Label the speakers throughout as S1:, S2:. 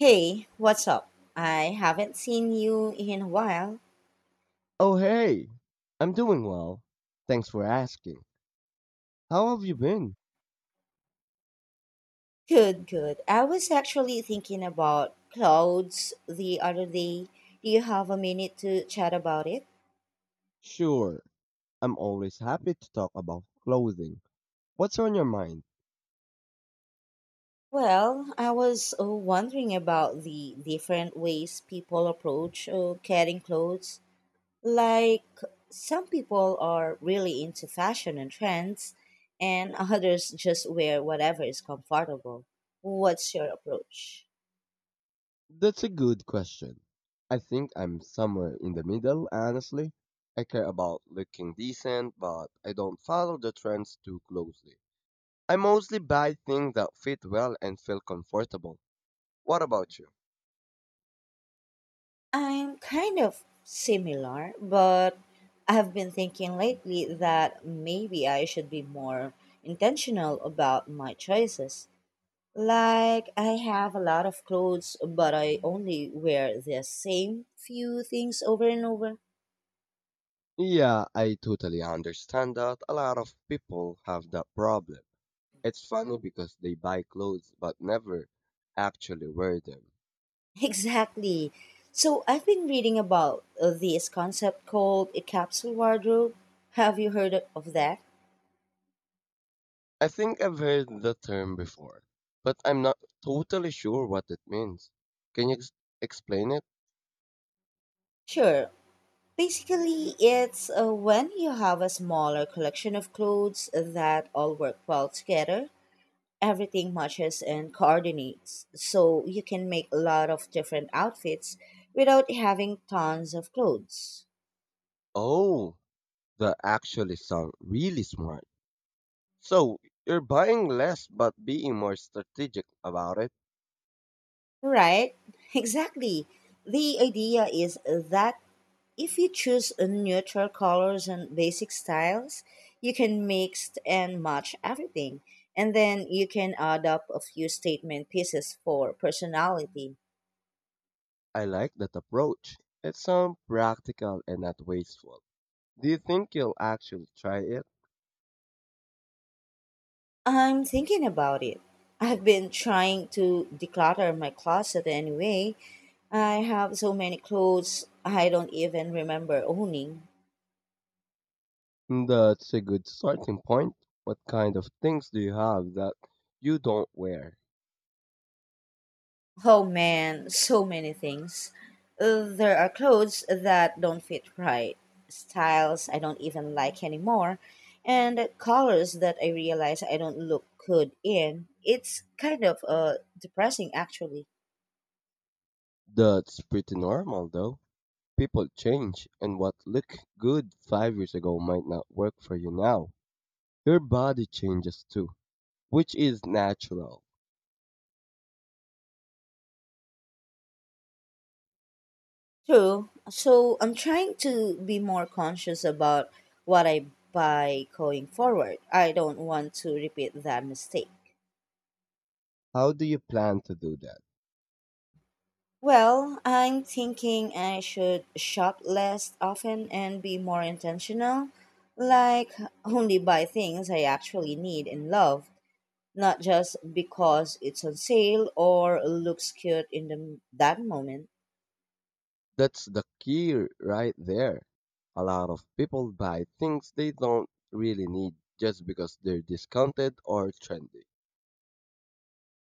S1: Hey, what's up? I haven't seen you in a while.
S2: Oh, hey! I'm doing well. Thanks for asking. How have you been?
S1: Good, good. I was actually thinking about clouds the other day. Do you have a minute to chat about it?
S2: Sure, I'm always happy to talk about clothing. What's on your mind?
S1: Well, I was wondering about the different ways people approach getting clothes. Like, some people are really into fashion and trends, and others just wear whatever is comfortable. What's your approach?
S2: That's a good question. I think I'm somewhere in the middle, honestly. I care about looking decent, but I don't follow the trends too closely. I mostly buy things that fit well and feel comfortable. What about you?
S1: I'm kind of similar, but I've been thinking lately that maybe I should be more intentional about my choices. Like, I have a lot of clothes, but I only wear the same few things over and over.
S2: Yeah, I totally understand that. A lot of people have that problem. It's funny because they buy clothes but never actually wear them.
S1: Exactly. So, I've been reading about this concept called a capsule wardrobe. Have you heard of that?
S2: I think I've heard the term before, but I'm not totally sure what it means. Can you ex- Explain it?
S1: Sure, basically, it's when you have a smaller collection of clothes that all work well together, everything matches and coordinates. So you can make a lot of different outfits without having tons of clothes.
S2: Oh, that actually sound really smart. So, you're buying less but being more strategic about it.
S1: Right? Exactly. The idea is that if you choose neutral colors and basic styles, you can mix and match everything. And then you can add up a few statement pieces for personality.
S2: I like that approach. It sounds practical and not wasteful. Do you think you'll actually try it?
S1: I'm thinking about it. I've been trying to declutter my closet anyway. I have so many clothes I don't even remember owning.
S2: That's a good starting point. What kind of things do you have that you don't wear?
S1: Oh man, so many things. There are clothes that don't fit right, styles I don't even like anymore, and colors that I realize I don't look good in. It's kind of depressing actually.
S2: That's pretty normal though. People change, and what looked good 5 years ago might not work for you now. Your body changes too, which is natural.
S1: True. So I'm trying to be more conscious about what I buy going forward. I don't want to repeat that mistake.
S2: How do you plan to do that?
S1: Well, I'm thinking I should shop less often and be more intentional. Like, only buy things I actually need and love, not just because it's on sale or looks cute in that moment.
S2: That's the key right there. A lot of people buy things they don't really need just because they're discounted or trendy.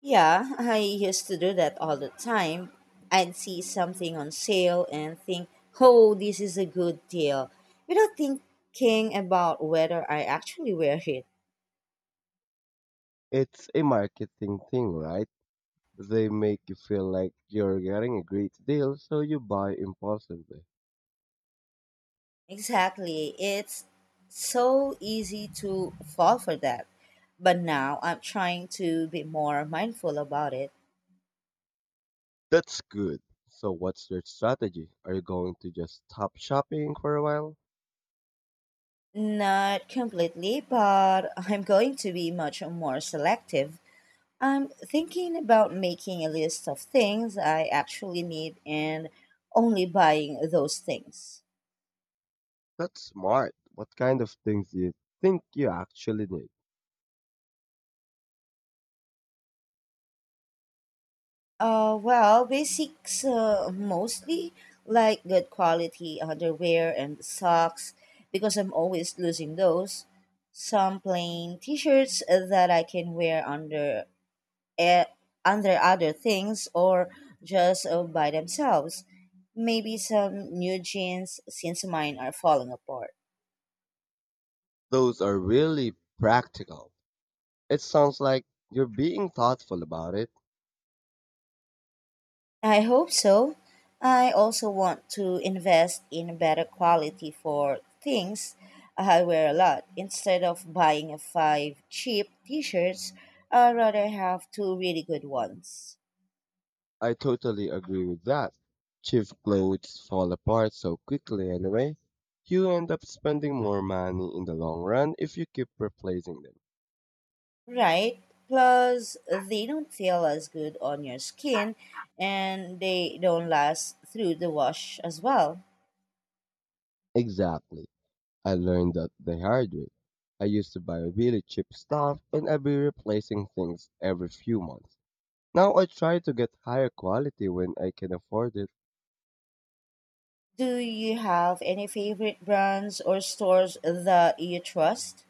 S1: Yeah, I used to do that all the time. I'd see something on sale and think, oh, this is a good deal, without thinking about whether I actually wear it.
S2: It's a marketing thing, right? They make you feel like you're getting a great deal, so you buy impulsively.
S1: Exactly. It's so easy to fall for that. But now I'm trying to be more mindful about it.
S2: That's good. So, what's your strategy? Are you going to just stop shopping for a while?
S1: Not completely, but I'm going to be much more selective. I'm thinking about making a list of things I actually need and only buying those things.
S2: That's smart. What kind of things do you think you actually need?
S1: Well, basics mostly, like good quality underwear and socks, because I'm always losing those. Some plain t-shirts that I can wear under eh, under other things or just by themselves. Maybe some new jeans since mine are falling apart.
S2: Those are really practical. It sounds like you're being thoughtful about it.
S1: I hope so. I also want to invest in better quality for things I wear a lot. Instead of buying five cheap t-shirts, I rather have two really good ones.
S2: I totally agree with that. Cheap clothes fall apart so quickly anyway. You end up spending more money in the long run if you keep replacing them.
S1: Right? Plus, they don't feel as good on your skin and they don't last through the wash as well.
S2: Exactly. I learned that the hard way. I used to buy really cheap stuff and I'd be replacing things every few months. Now I try to get higher quality when I can afford it.
S1: Do you have any favorite brands or stores that you trust?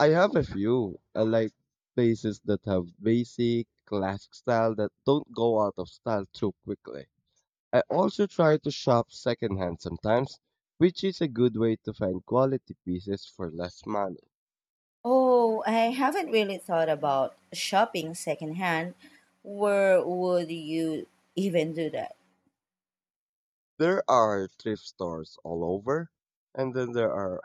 S2: I have a few. I like places that have basic, classic style that don't go out of style too quickly. I also try to shop secondhand sometimes, which is a good way to find quality pieces for less money.
S1: Oh, I haven't really thought about shopping secondhand. Where would you even do that?
S2: There are thrift stores all over, and then there are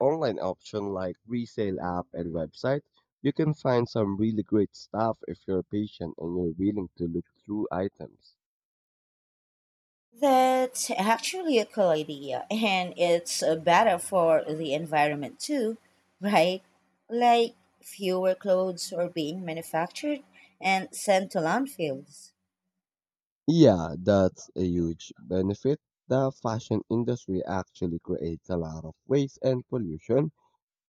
S2: online options like resale app and website. You can find some really great stuff if you're patient and you're willing to look through items.
S1: That's actually a cool idea, and it's better for the environment too, right? Like fewer clothes are being manufactured and sent to landfills.
S2: Yeah, that's a huge benefit. The fashion industry actually creates a lot of waste and pollution.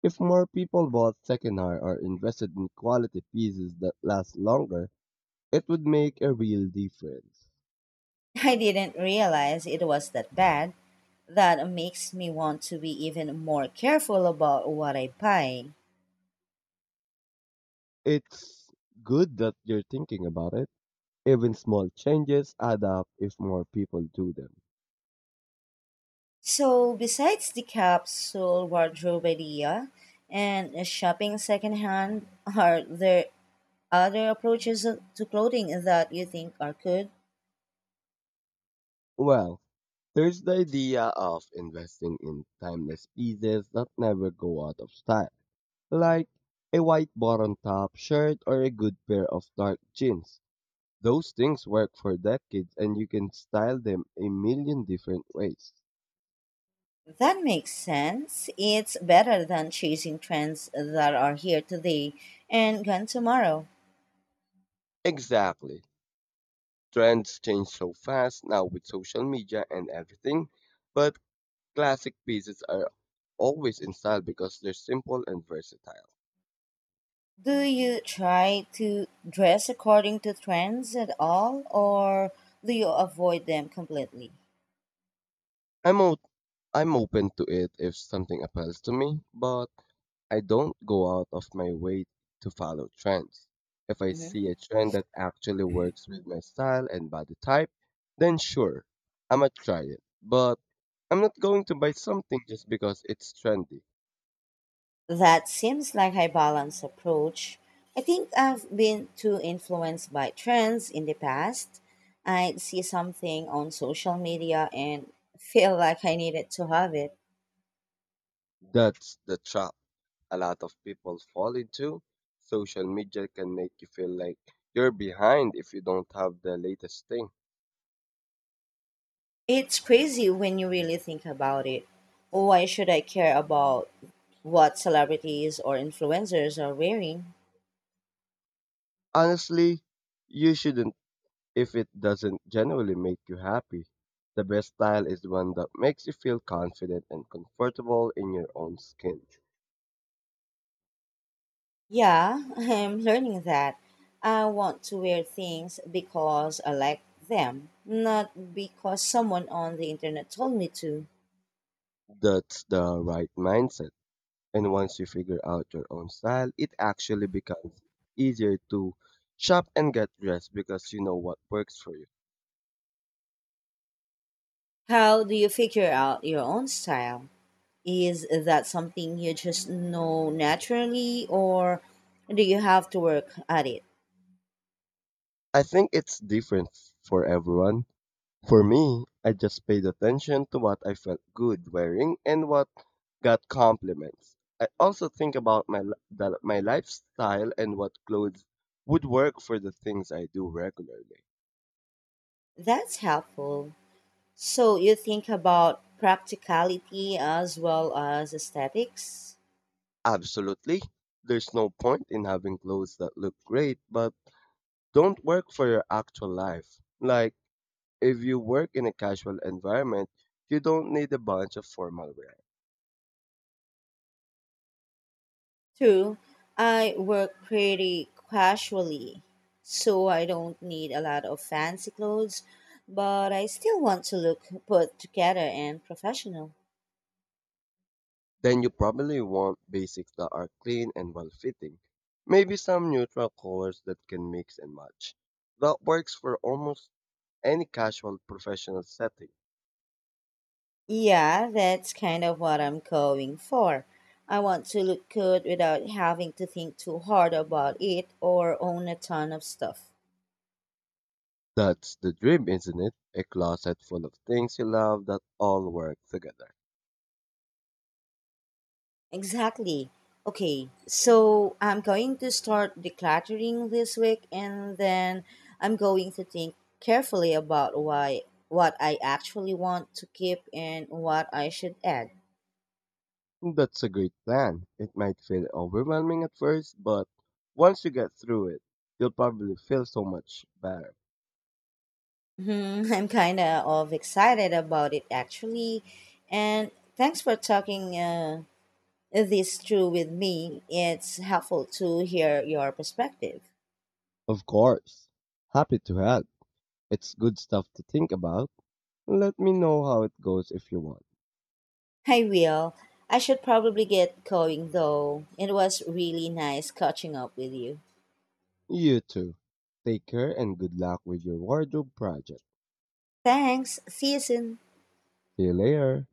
S2: If more people bought secondhand or invested in quality pieces that last longer, it would make a real difference.
S1: I didn't realize it was that bad. That makes me want to be even more careful about what I buy.
S2: It's good that you're thinking about it. Even small changes add up if more people do them.
S1: So, besides the capsule wardrobe idea and shopping secondhand, are there other approaches to clothing that you think are good?
S2: Well, there's the idea of investing in timeless pieces that never go out of style, like a white button top shirt or a good pair of dark jeans. Those things work for decades and you can style them a million different ways.
S1: That makes sense. It's better than chasing trends that are here today and gone tomorrow.
S2: Exactly. Trends change so fast now with social media and everything, but classic pieces are always in style because they're simple and versatile.
S1: Do you try to dress according to trends at all, or do you avoid them completely?
S2: I'm I'm open to it if something appeals to me, but I don't go out of my way to follow trends. If I
S1: Mhm.
S2: see a trend that actually works with my style and body type, then sure, I'ma try it. But I'm not going to buy something just because it's trendy.
S1: That seems like a balanced approach. I think I've been too influenced by trends in the past. I'd see something on social media and feel like I needed to have it.
S2: That's the trap a lot of people fall into. Social media can make you feel like you're behind if you don't have the latest thing.
S1: It's crazy when you really think about it. Why should I care about what celebrities or influencers are wearing?
S2: Honestly, you shouldn't. If it doesn't genuinely make you happy, the best style is the one that makes you feel confident and comfortable in your own skin.
S1: Yeah, I'm learning that. I want to wear things because I like them, not because someone on the internet told me to.
S2: That's the right mindset. And once you figure out your own style, it actually becomes easier to shop and get dressed because you know what works for you.
S1: How do you figure out your own style? Is that something you just know naturally, or do you have to work at it?
S2: I think it's different for everyone. For me, I just paid attention to what I felt good wearing and what got compliments. I also think about my lifestyle and what clothes would work for the things I do regularly.
S1: That's helpful. So, you think about practicality as well as aesthetics?
S2: Absolutely. There's no point in having clothes that look great but don't work for your actual life. Like if you work in a casual environment, you don't need a bunch of formal wear.
S1: True, I work pretty casually, so I don't need a lot of fancy clothes, but I still want to look put together and professional.
S2: Then you probably want basics that are clean and well fitting. Maybe some neutral colors that can mix and match. That works for almost any casual professional setting.
S1: Yeah, that's kind of what I'm going for. I want to look good without having to think too hard about it or own a ton of stuff.
S2: That's the dream, isn't it? A closet full of things you love that all work together.
S1: Exactly. Okay, so I'm going to start decluttering this week and then I'm going to think carefully about why what I actually want to keep and what I should add.
S2: That's a great plan. It might feel overwhelming at first, but once you get through it, you'll probably feel so much better.
S1: Hmm, I'm kind of excited about it actually. And thanks for talking this through with me, it's helpful to hear your perspective.
S2: Of course. Happy to help. It's good stuff to think about. Let me know how it goes if you want.
S1: I will. I should probably get going though. It was really nice catching up with you.
S2: You too. Take care and good luck with your wardrobe project.
S1: Thanks. See you soon.
S2: See you later.